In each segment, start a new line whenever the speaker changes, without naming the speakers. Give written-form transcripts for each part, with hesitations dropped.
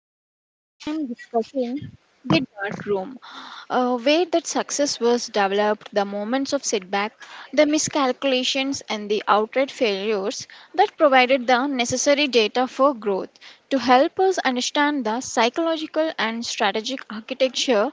rarely spend time discussing the dark room, where that success was developed, the moments of setback, the miscalculations, and the outright failures that provided the necessary data for growth, to help us understand the psychological and strategic architecture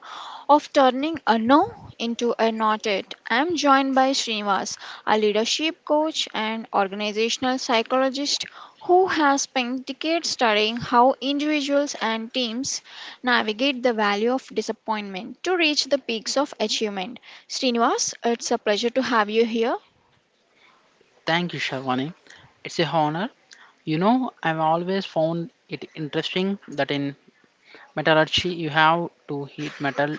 of turning a no into a not it. I'm joined by Srinivas, a leadership coach and organizational psychologist who has spent decades studying how individuals and teams navigate the valley of disappointment to reach the peaks of achievement. Srinivas, it's a pleasure to have you here.
Thank you, Sharwani. It's a honor. I've always found it interesting that in metallurgy you have to heat metal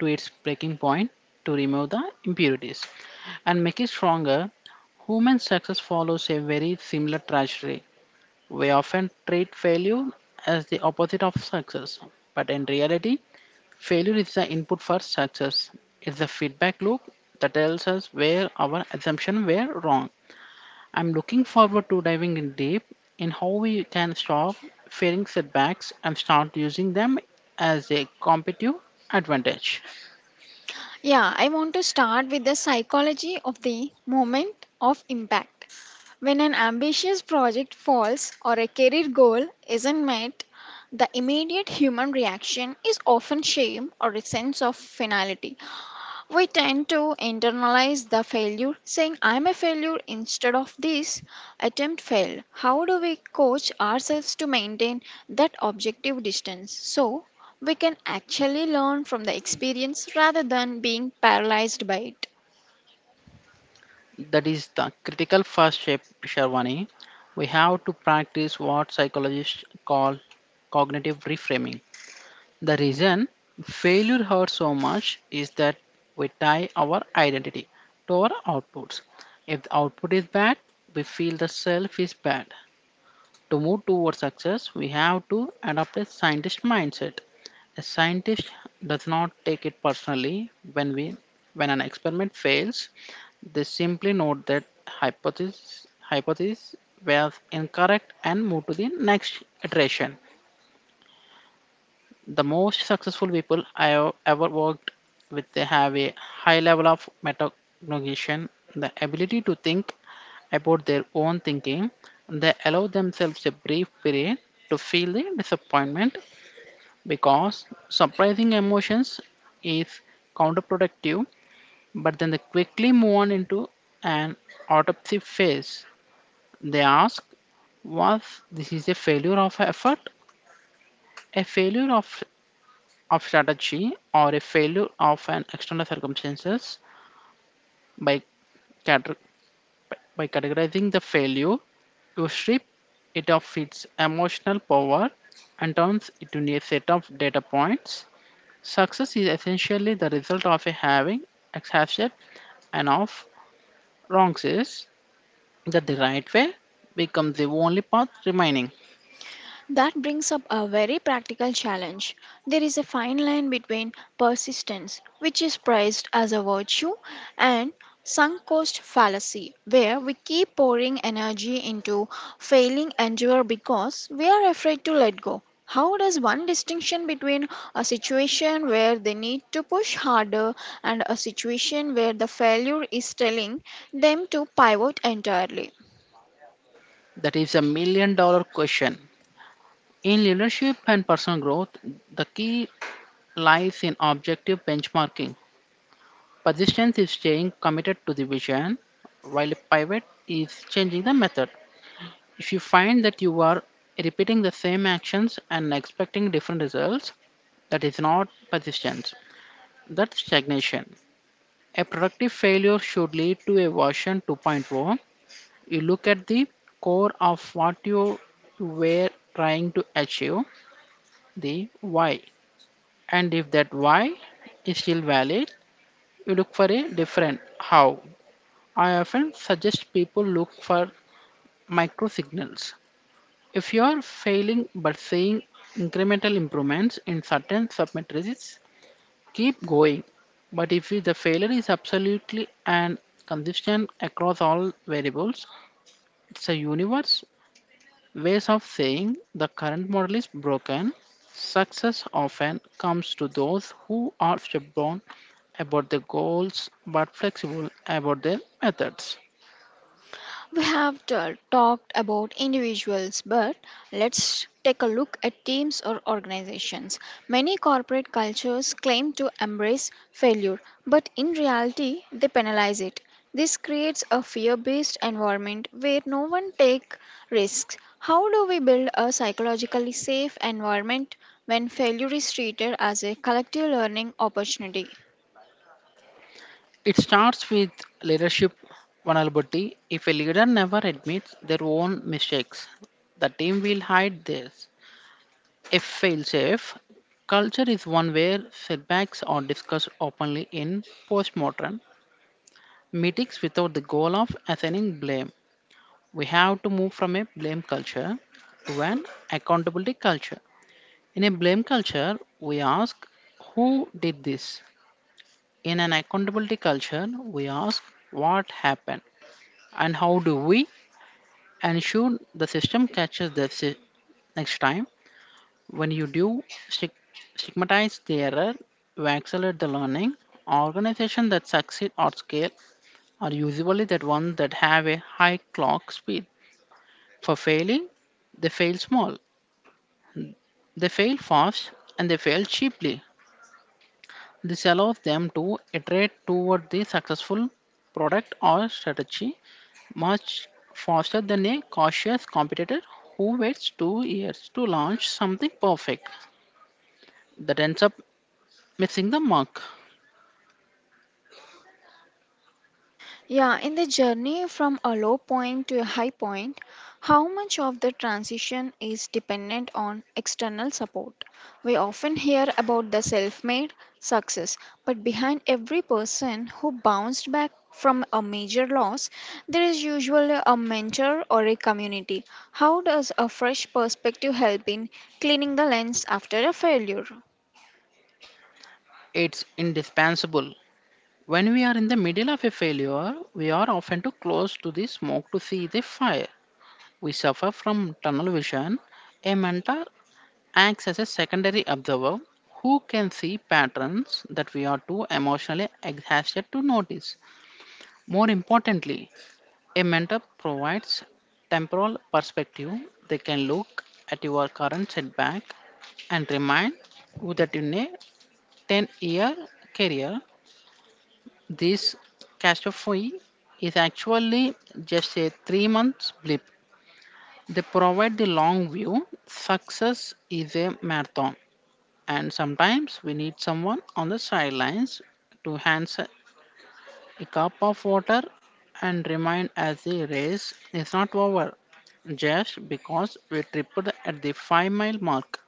to its breaking point to remove the impurities and make it stronger. Human success follows a very similar trajectory. We often treat failure as the opposite of success, but in reality, failure is the input for success. It's the feedback loop that tells us where our assumptions were wrong. I'm looking forward to diving in deep in how we can stop fearing setbacks and start using them as a competitive advantage.
Yeah, I want to start with the psychology of the moment of impact. When an ambitious project falls or a career goal isn't met, the immediate human reaction is often shame or a sense of finality. We tend to internalize the failure, saying, I'm a failure instead of this attempt failed. How do we coach ourselves to maintain that objective distance so we can actually learn from the experience rather than being paralyzed by it?
That is the critical first step, Sharwani. We have to practice what psychologists call cognitive reframing. The reason failure hurts so much is that we tie our identity to our outputs. If the output is bad, we feel the self is bad. To move towards success, we have to adopt a scientist mindset. A scientist does not take it personally when an experiment fails. They simply note that hypothesis was incorrect and move to the next iteration. The most successful people I have ever worked with, they have a high level of metacognition, the ability to think about their own thinking. They allow themselves a brief period to feel the disappointment because surprising emotions is counterproductive, but then they quickly move on into an autopsy phase. They ask, was this is a failure of effort, a failure of strategy, or a failure of an external circumstances by, cate- by categorizing the failure. You strip it of its emotional power and turns it into a set of data points. Success is essentially the result of a having, accepted, and of wrongs is that the right way becomes the only path remaining.
That brings up a very practical challenge. There is a fine line between persistence, which is praised as a virtue, and sunk cost fallacy, where we keep pouring energy into failing endure because we are afraid to let go. How does one distinction between a situation where they need to push harder and a situation where the failure is telling them to pivot entirely?
That is a $1 million question. In leadership and personal growth, the key lies in objective benchmarking. Persistence is staying committed to the vision, while a pivot is changing the method. If you find that you are repeating the same actions and expecting different results, that is not persistence, that's stagnation. A productive failure should lead to a version 2.0. You look at the core of what you were trying to achieve, the why. And if that why is still valid, you look for a different how. I often suggest people look for micro signals. If you are failing but seeing incremental improvements in certain submatrices, keep going. But if the failure is absolutely and consistent across all variables, it's a universe ways of saying the current model is broken. Success often comes to those who are stubborn about their goals but flexible about their methods.
We have t- talked about individuals, but let's take a look at teams or organizations. Many corporate cultures claim to embrace failure, but in reality, they penalize it. This creates a fear based environment where no one takes risks. How do we build a psychologically safe environment when failure is treated as a collective learning opportunity?
It starts with leadership vulnerability. If a leader never admits their own mistakes, the team will hide theirs. A failsafe culture is one where setbacks are discussed openly in postmortem meetings without the goal of assigning blame. We have to move from a blame culture to an accountability culture. In a blame culture, we ask who did this. In an accountability culture, we ask what happened. And how do we ensure the system catches next time? When you do stig- stigmatize the error, you accelerate the learning. Organizations that succeed or scale are usually that ones that have a high clock speed. For failing, they fail small, they fail fast, and they fail cheaply. This allows them to iterate toward the successful product or strategy much faster than a cautious competitor who waits 2 years to launch something perfect that ends up missing the mark.
Yeah, in the journey from a low point to a high point, how much of the transition is dependent on external support? We often hear about the self made success, but behind every person who bounced back from a major loss, there is usually a mentor or a community. How does a fresh perspective help in cleaning the lens after a failure?
It's indispensable. When we are in the middle of a failure, we are often too close to the smoke to see the fire. We suffer from tunnel vision. A mentor acts as a secondary observer who can see patterns that we are too emotionally exhausted to notice. More importantly, a mentor provides temporal perspective. They can look at your current setback and remind you that in a 10-year career, this catastrophe is actually just a 3 month blip. They provide the long view. Success is a marathon, and sometimes we need someone on the sidelines to hands a cup of water and remain as the race is not over just because we tripped at the 5-mile mark.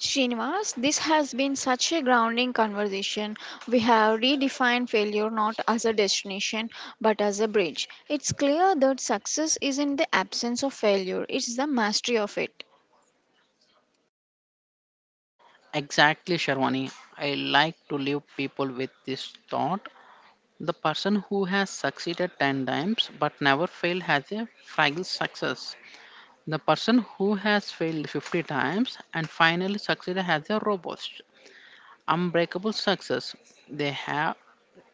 Srinivas, this has been such a grounding conversation. We have redefined failure not as a destination but as a bridge. It's clear that success isn't the absence of failure, it's the mastery of it.
Exactly, Sharwani. I like to leave people with this thought. The person who has succeeded 10 times but never failed has a fragile success. The person who has failed 50 times and finally succeeded has a robust, unbreakable success. They have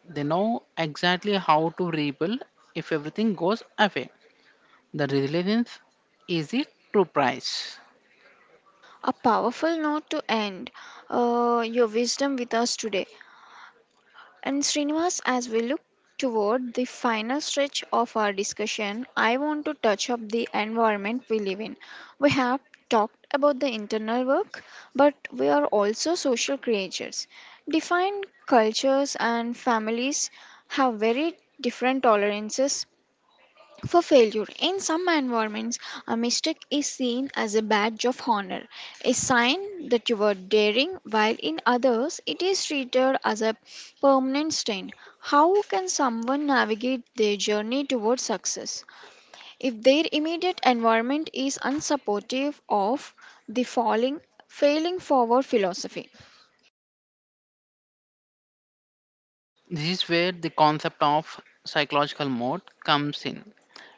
They know exactly how to rebuild if everything goes away. The resilience is the true price.
A powerful note to end your wisdom with us today. And Srinivas, as we look toward the final stretch of our discussion, I want to touch up the environment we live in. We have talked about the internal work, but we are also social creatures. Defined cultures and families have very different tolerances for failure. In some environments, a mistake is seen as a badge of honor, a sign that you were daring, while in others, it is treated as a permanent stain. How can someone navigate their journey towards success if their immediate environment is unsupportive of the falling, failing forward philosophy?
This is where the concept of psychological mode comes in.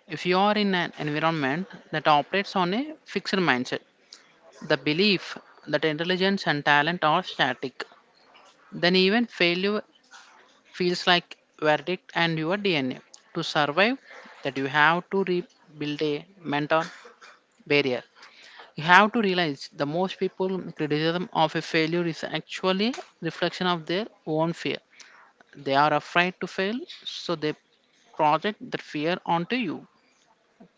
If you are in an environment that operates on a fixed mindset, the belief that intelligence and talent are static, then even failure feels like verdict and your DNA. To survive, that you have to rebuild a mental barrier. You have to realize the most people criticism of a failure is actually reflection of their own fear. They are afraid to fail, so they project that fear onto you.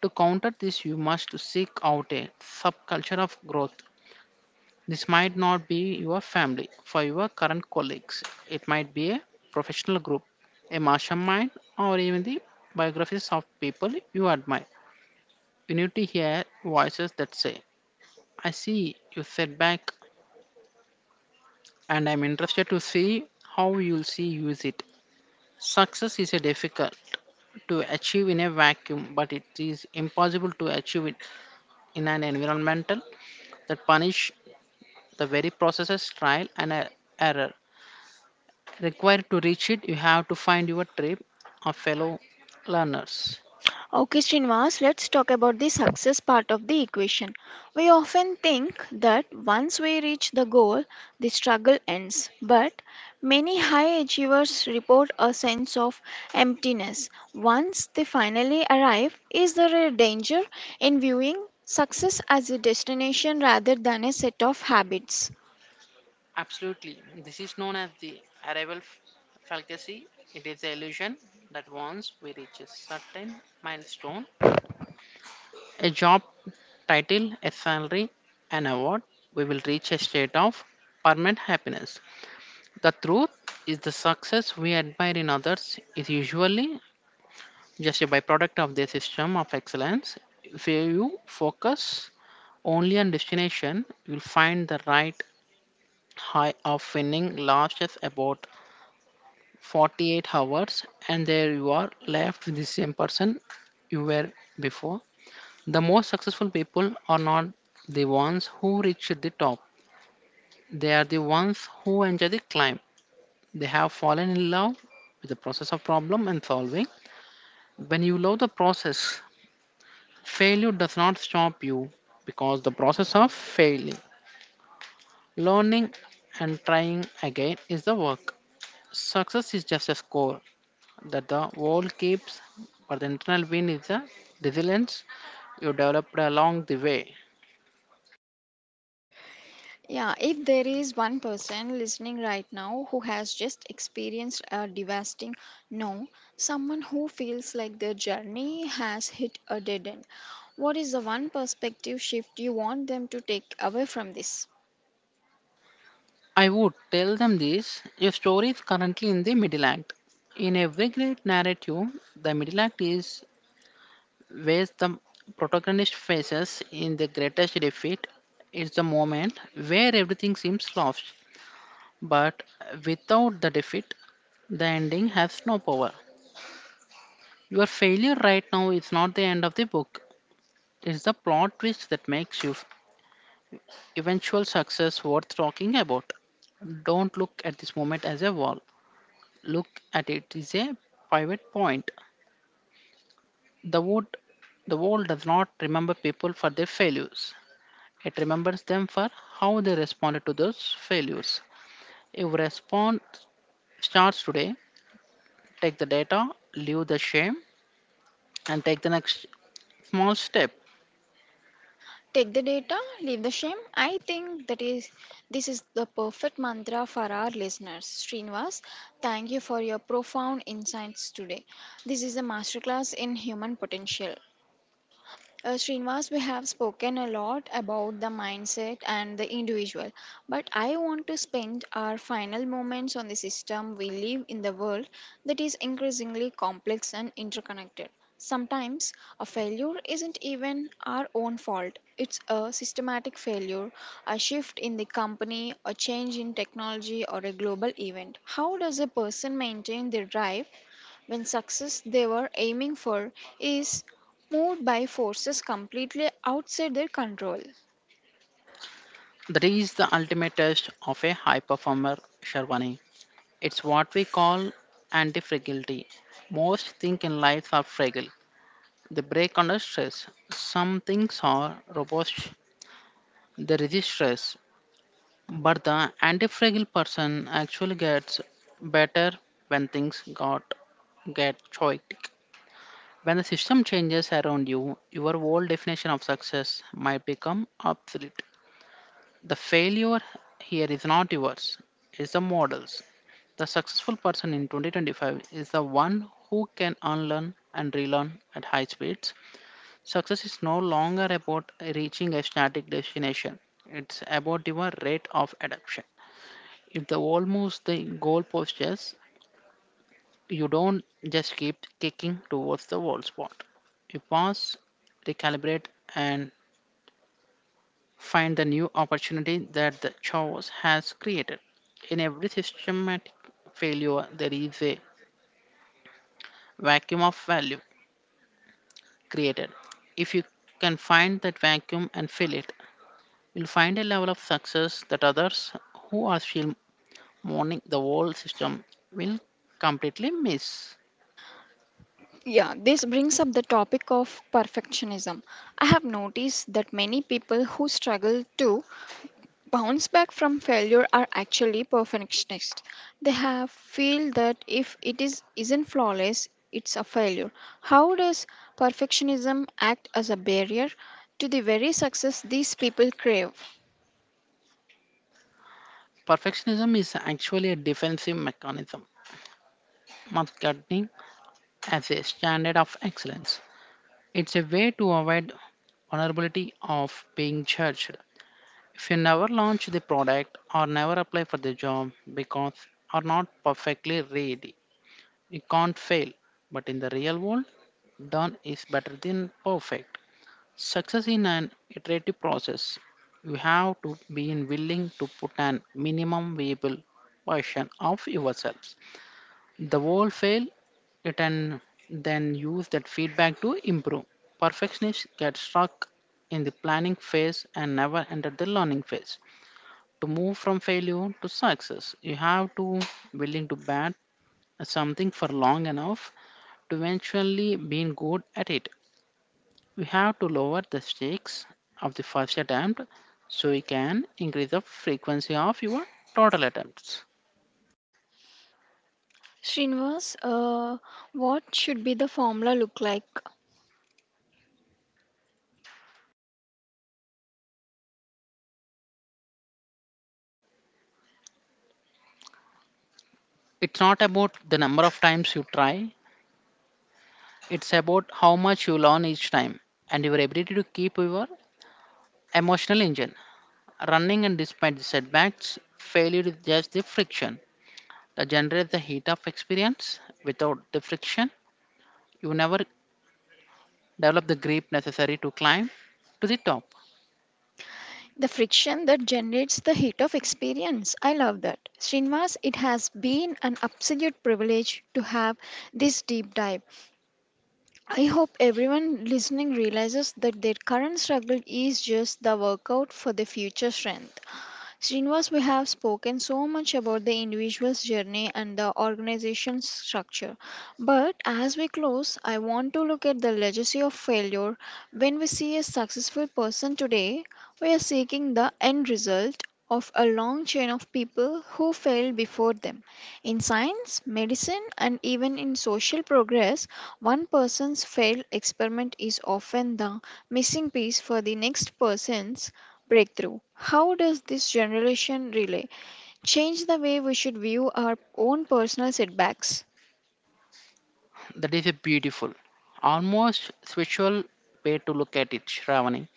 To counter this, you must seek out a subculture of growth. This might not be your family, for your current colleagues. It might be a professional group, a mastermind, or even the biographies of people you admire. You need to hear voices that say, I see you setback and I'm interested to see how you'll see use it. Success is a difficult to achieve in a vacuum, but it is impossible to achieve it in an environmental that punish the very processes trial and error required to reach it. You have to find your tribe of fellow learners.
Okay, Srinivas, let's talk about the success part of the equation. We often think that once we reach the goal, the struggle ends. But many high achievers report a sense of emptiness once they finally arrive. Is there a danger in viewing success as a destination rather than a set of habits?
Absolutely, this is known as the arrival f- fallacy. It is the illusion that once we reach a certain milestone, a job title, a salary, an award, we will reach a state of permanent happiness. The truth is, the success we admire in others is usually just a byproduct of their system of excellence. If you focus only on destination, you'll find the right high of winning lasts about 48 hours, and there you are left with the same person you were before. The most successful people are not the ones who reach the top. They are the ones who enjoy the climb. They have fallen in love with the process of problem and solving. When you love the process, failure does not stop you because the process of failing, learning, and trying again is the work. Success is just a score that the world keeps, but the internal win is the resilience you developed along the way.
Yeah, if there is one person listening right now who has just experienced a devastating no, someone who feels like their journey has hit a dead end, what is the one perspective shift you want them to take away from this?
I would tell them this, your story is currently in the middle act. In every great narrative, the middle act is where the protagonist faces in the greatest defeat. It's the moment where everything seems lost, but without the defeat, the ending has no power. Your failure right now is not the end of the book, it's the plot twist that makes your eventual success worth talking about. Don't look at this moment as a wall. Look at it is a pivot point. The world, the world does not remember people for their failures. It remembers them for how they responded to those failures. If response starts today, take the data, leave the shame, and take the next small step.
Take the data, leave the shame. I think that is, this is the perfect mantra for our listeners. Srinivas, thank you for your profound insights today. This is a masterclass in human potential. Srinivas, we have spoken a lot about the mindset and the individual, but I want to spend our final moments on the system we live in, the world that is increasingly complex and interconnected. Sometimes a failure isn't even our own fault. It's a systematic failure, a shift in the company, a change in technology, or a global event. How does a person maintain their drive when success they were aiming for is moved by forces completely outside their control?
That is the ultimate test of a high performer, Sharwani. It's what we call anti-fragility. Most things in life are fragile. They break under stress. Some things are robust. They resist stress, but the fragile person actually gets better when things got get chaotic. When the system changes around you, your old definition of success might become obsolete. The failure here is not yours, it's the models. The successful person in 2025 is the one who can unlearn and relearn at high speeds. Success is no longer about reaching a static destination, it's about your rate of adaptation. If the wall moves the goalpost, yes, you don't just keep kicking towards the wall spot. You pause, recalibrate, and find the new opportunity that the chaos has created. In every systematic failure, there is a vacuum of value created. If you can find that vacuum and fill it, you'll find a level of success that others who are still mourning the whole system will completely miss.
Yeah, this brings up the topic of perfectionism. I have noticed that many people who struggle to bounce back from failure are actually perfectionists. They have feel that if it is isn't flawless, it's a failure. How does perfectionism act as a barrier to the very success these people crave?
Perfectionism is actually a defensive mechanism, masquerading as a standard of excellence. It's a way to avoid vulnerability of being judged. If you never launch the product or never apply for the job because are not perfectly ready, you can't fail. But in the real world, done is better than perfect. Success in an iterative process. You have to be willing to put an minimum viable version of yourself. The wall fail it and then use that feedback to improve. Perfectionists get stuck in the planning phase and never enter the learning phase. To move from failure to success, you have to willing to bat at something for long enough to eventually being good at it. We have to lower the stakes of the first attempt so you can increase the frequency of your total attempts.
Srinivas, what should be the formula look like?
It's not about the number of times you try. It's about how much you learn each time and your ability to keep your emotional engine running and despite the setbacks, failure is just the friction that generates the heat of experience. Without the friction, you never develop the grip necessary to climb to the top.
The friction that generates the heat of experience. I love that. Srinivas, it has been an absolute privilege to have this deep dive. I hope everyone listening realizes that their current struggle is just the workout for their future strength. Srinivas, we have spoken so much about the individual's journey and the organization's structure. But as we close, I want to look at the legacy of failure. When we see a successful person today, we are seeking the end result of a long chain of people who failed before them. In science, medicine, and even in social progress, one person's failed experiment is often the missing piece for the next person's breakthrough. How does this generation relay change the way we should view our own personal setbacks?
That is a beautiful, almost spiritual way to look at it, Shravani.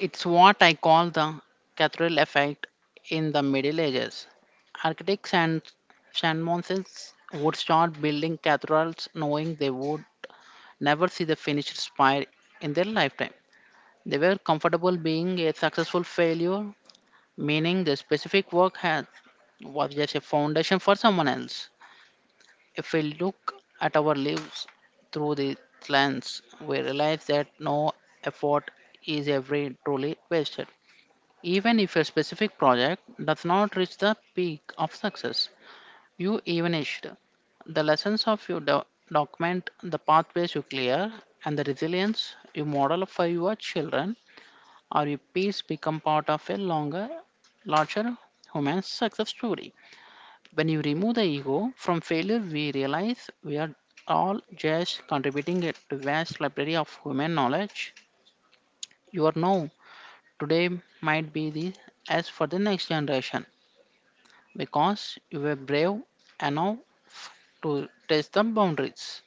It's what I call the cathedral effect. In the Middle Ages, architects and shamans would start building cathedrals knowing they would never see the finished spire in their lifetime. They were comfortable being a successful failure, meaning the specific work had was just a foundation for someone else. If we look at our lives through this lens, we realize that no effort is ever truly wasted. Even if a specific project does not reach the peak of success you evanished, the lessons of your document, the pathways you clear, and the resilience you model for your children or your peers become part of a longer, larger human success story. When you remove the ego from failure, we realize we are all just contributing it to vast library of human knowledge. Your know today might be the as for the next generation, because you were brave enough to test the boundaries.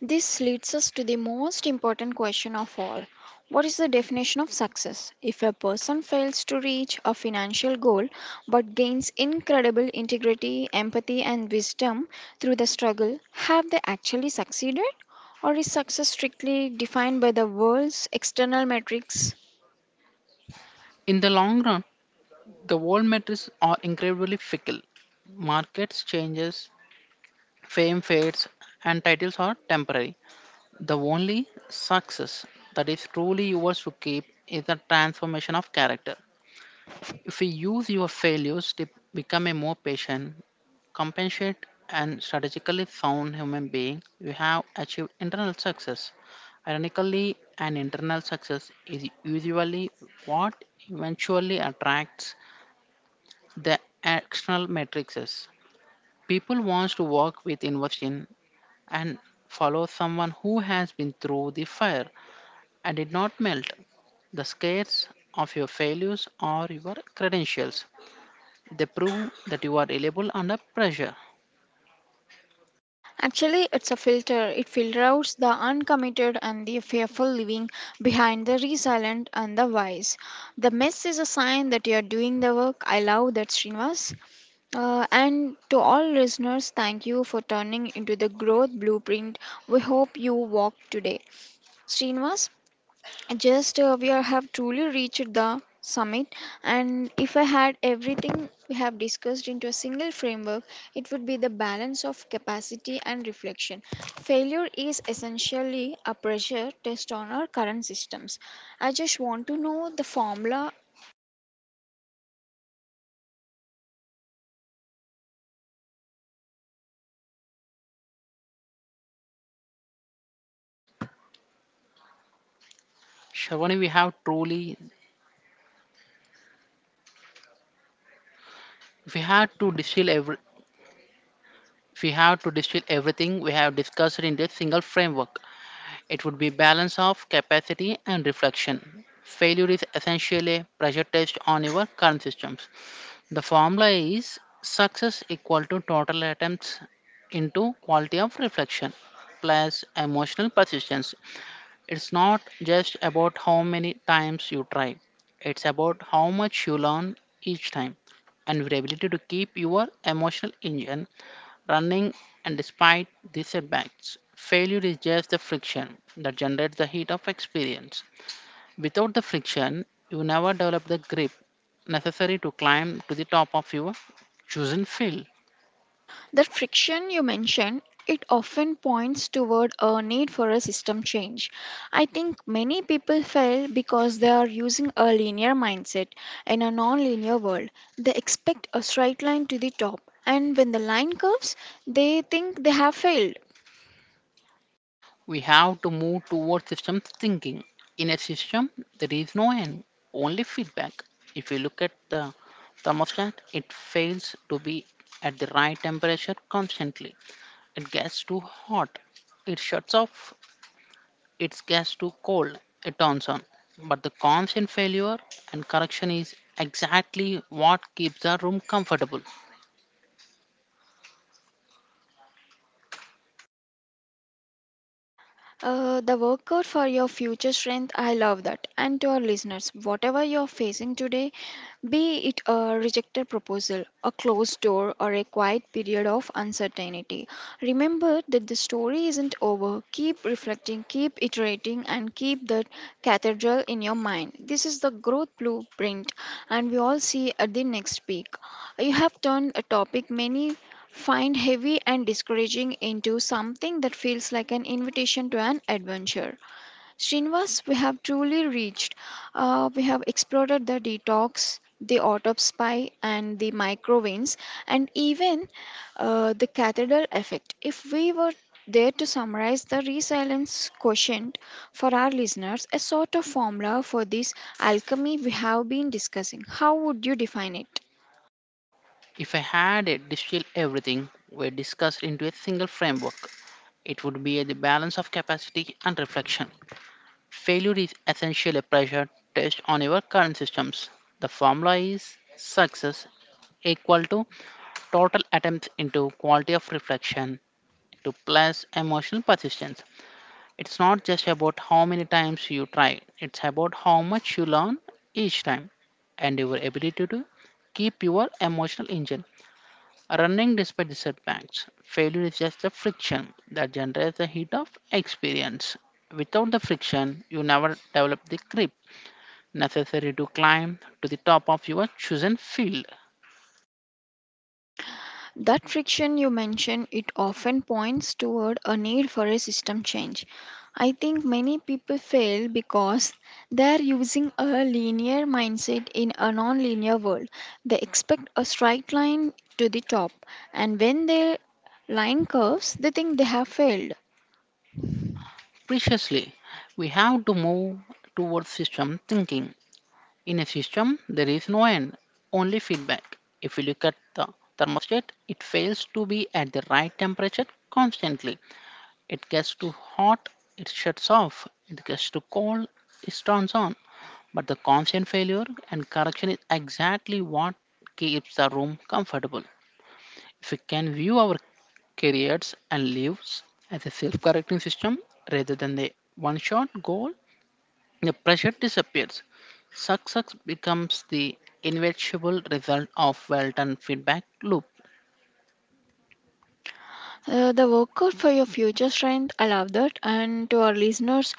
This leads us to the most important question of all. What is the definition of success? If a person fails to reach a financial goal but gains incredible integrity, empathy, and wisdom through the struggle, have they actually succeeded? Or is success strictly defined by the world's external metrics?
In the long run, the world metrics are incredibly fickle. Markets changes, fame fades, and titles are temporary. The only success that is truly yours to keep is the transformation of character. If we use your failures to become a more patient, compassionate, and strategically sound human being, you have achieved internal success. Ironically, an internal success is usually what eventually attracts the external matrices. People want to work with innovation and follow someone who has been through the fire and did not melt. The scares of your failures are your credentials. They prove that you are reliable under pressure.
Actually, it's a filter. It filters the uncommitted and the fearful living behind the resilient and the wise. The mess is a sign that you're doing the work. I love that, Srinivas. And to all listeners, thank you for turning into the growth blueprint. We hope you walk today. Srinivas, just have truly reached the summit, and if I had everything we have discussed into a single framework, it would be the balance of capacity and reflection. Failure is essentially a pressure test on our current systems. I just want to know the formula.
Shravani, we have truly, we had to distill every, we have to distill everything we have discussed in this single framework. It would be balance of capacity and reflection. Failure is essentially a pressure test on your current systems. The formula is success equal to total attempts into quality of reflection plus emotional persistence. It's not just about how many times you try, it's about how much you learn each time and your ability to keep your emotional engine running and despite these setbacks. Failure is just the friction that generates the heat of experience. Without the friction, you never develop the grip necessary to climb to the top of your chosen field.
The friction you mentioned, it often points toward a need for a system change. I think many people fail because they are using a linear mindset in a non-linear world. They expect a straight line to the top, and when the line curves, they think they have failed.
We have to move towards system thinking. In a system, there is no end, only feedback. If you look at the thermostat, it fails to be at the right temperature constantly. It gets too hot, it shuts off, it gets too cold, it turns on. But the constant failure and correction is exactly what keeps the room comfortable.
The workout for your future strength, I love that. And to our listeners, whatever you're facing today, be it a rejected proposal, a closed door, or a quiet period of uncertainty, remember that the story isn't over. Keep reflecting, keep iterating, and keep that cathedral in your mind. This is the growth blueprint, and we all see at the next peak. You have turned a topic many find heavy and discouraging into something that feels like an invitation to an adventure. Srinivas, we have truly reached. We have explored the detox, the autopsy, and the microveins, and even the cathedral effect. If we were there to summarize the resilience quotient for our listeners, a sort of formula for this alchemy we have been discussing, how would you define it?
If I had it distill everything we discussed into a single framework, it would be the balance of capacity and reflection. Failure is essentially a pressure test on your current systems. The formula is success equal to total attempts into quality of reflection to plus emotional persistence. It's not just about how many times you try, it's about how much you learn each time and your ability to keep your emotional engine running despite setbacks. Failure is just a friction that generates the heat of experience. Without the friction, you never develop the grip necessary to climb to the top of your chosen field.
That friction you mentioned, it often points toward a need for a system change. I think many people fail because they're using a linear mindset in a non-linear world. They expect a straight line to the top, and when they line curves, they think they have failed.
Preciously, we have to move towards system thinking. In a system, there is no end, only feedback. If we look at the thermostat, it fails to be at the right temperature constantly. It gets too hot, it shuts off. It gets too cold, it turns on. But the constant failure and correction is exactly what keeps the room comfortable. If we can view our careers and lives as a self correcting system rather than a one shot goal, the pressure disappears. Success becomes the inevitable result of well done feedback loop.
The workout for your future strength, I love that. And to our listeners,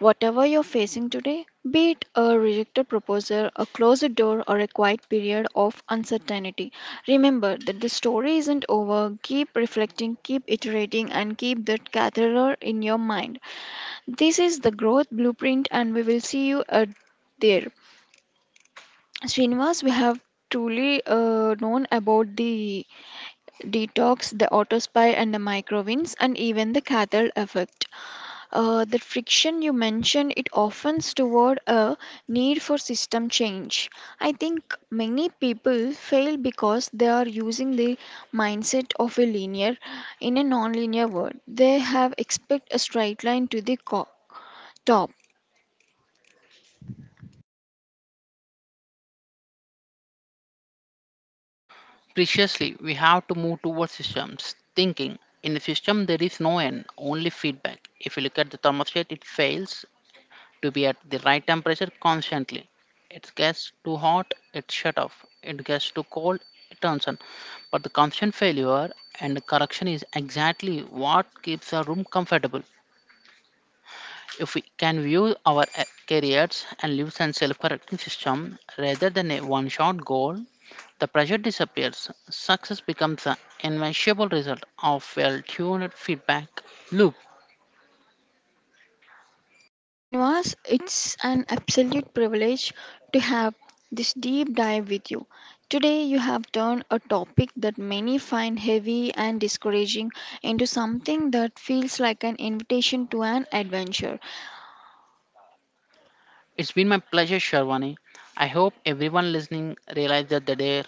whatever you're facing today, be it a rejected proposal, a closed door, or a quiet period of uncertainty, remember that the story isn't over. Keep reflecting, keep iterating, and keep that catheter in your mind. This is the growth blueprint, and we will see you at there. Srinivas, we have truly known about the detox, the autospy and the microwinds, and even the cathode effect. The friction you mentioned, it often toward a need for system change. I think many people fail because they are using the mindset of a linear in a nonlinear world. They have expect a straight line to the co- top.
Preciously, we have to move towards systems thinking. In a system, there is no end, only feedback. If you look at the thermostat, it fails to be at the right temperature constantly. It gets too hot, it shut off. It gets too cold, it turns on. But the constant failure and correction is exactly what keeps a room comfortable. If we can view our careers and lives and self-correcting system rather than a one-shot goal, the pressure disappears. Success becomes the inevitable result of well-tuned feedback loop.
Srinivas, it's an absolute privilege to have this deep dive with you. Today, you have turned a topic that many find heavy and discouraging into something that feels like an invitation to an adventure.
It's been my pleasure, Sharwani. I hope everyone listening realizes that their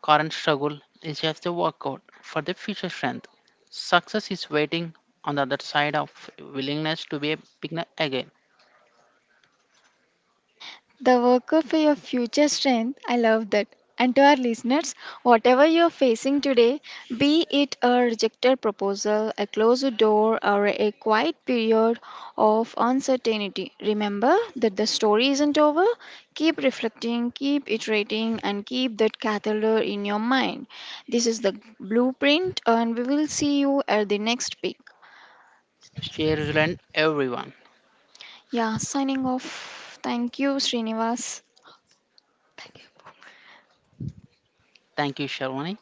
current struggle is just a workout for their future strength. Success is waiting on the other side of willingness to be a beginner again.
The worker for your future strength. I love that. And to our listeners, whatever you're facing today, be it a rejected proposal, a closed door, or a quiet period of uncertainty, remember that the story isn't over. Keep reflecting, keep iterating, and keep that catheter in your mind. This is the blueprint, and we will see you at the next peak.
Stay resilient, everyone.
Yeah, signing off. Thank you, Srinivas. Thank you.
Thank you, Sharwani.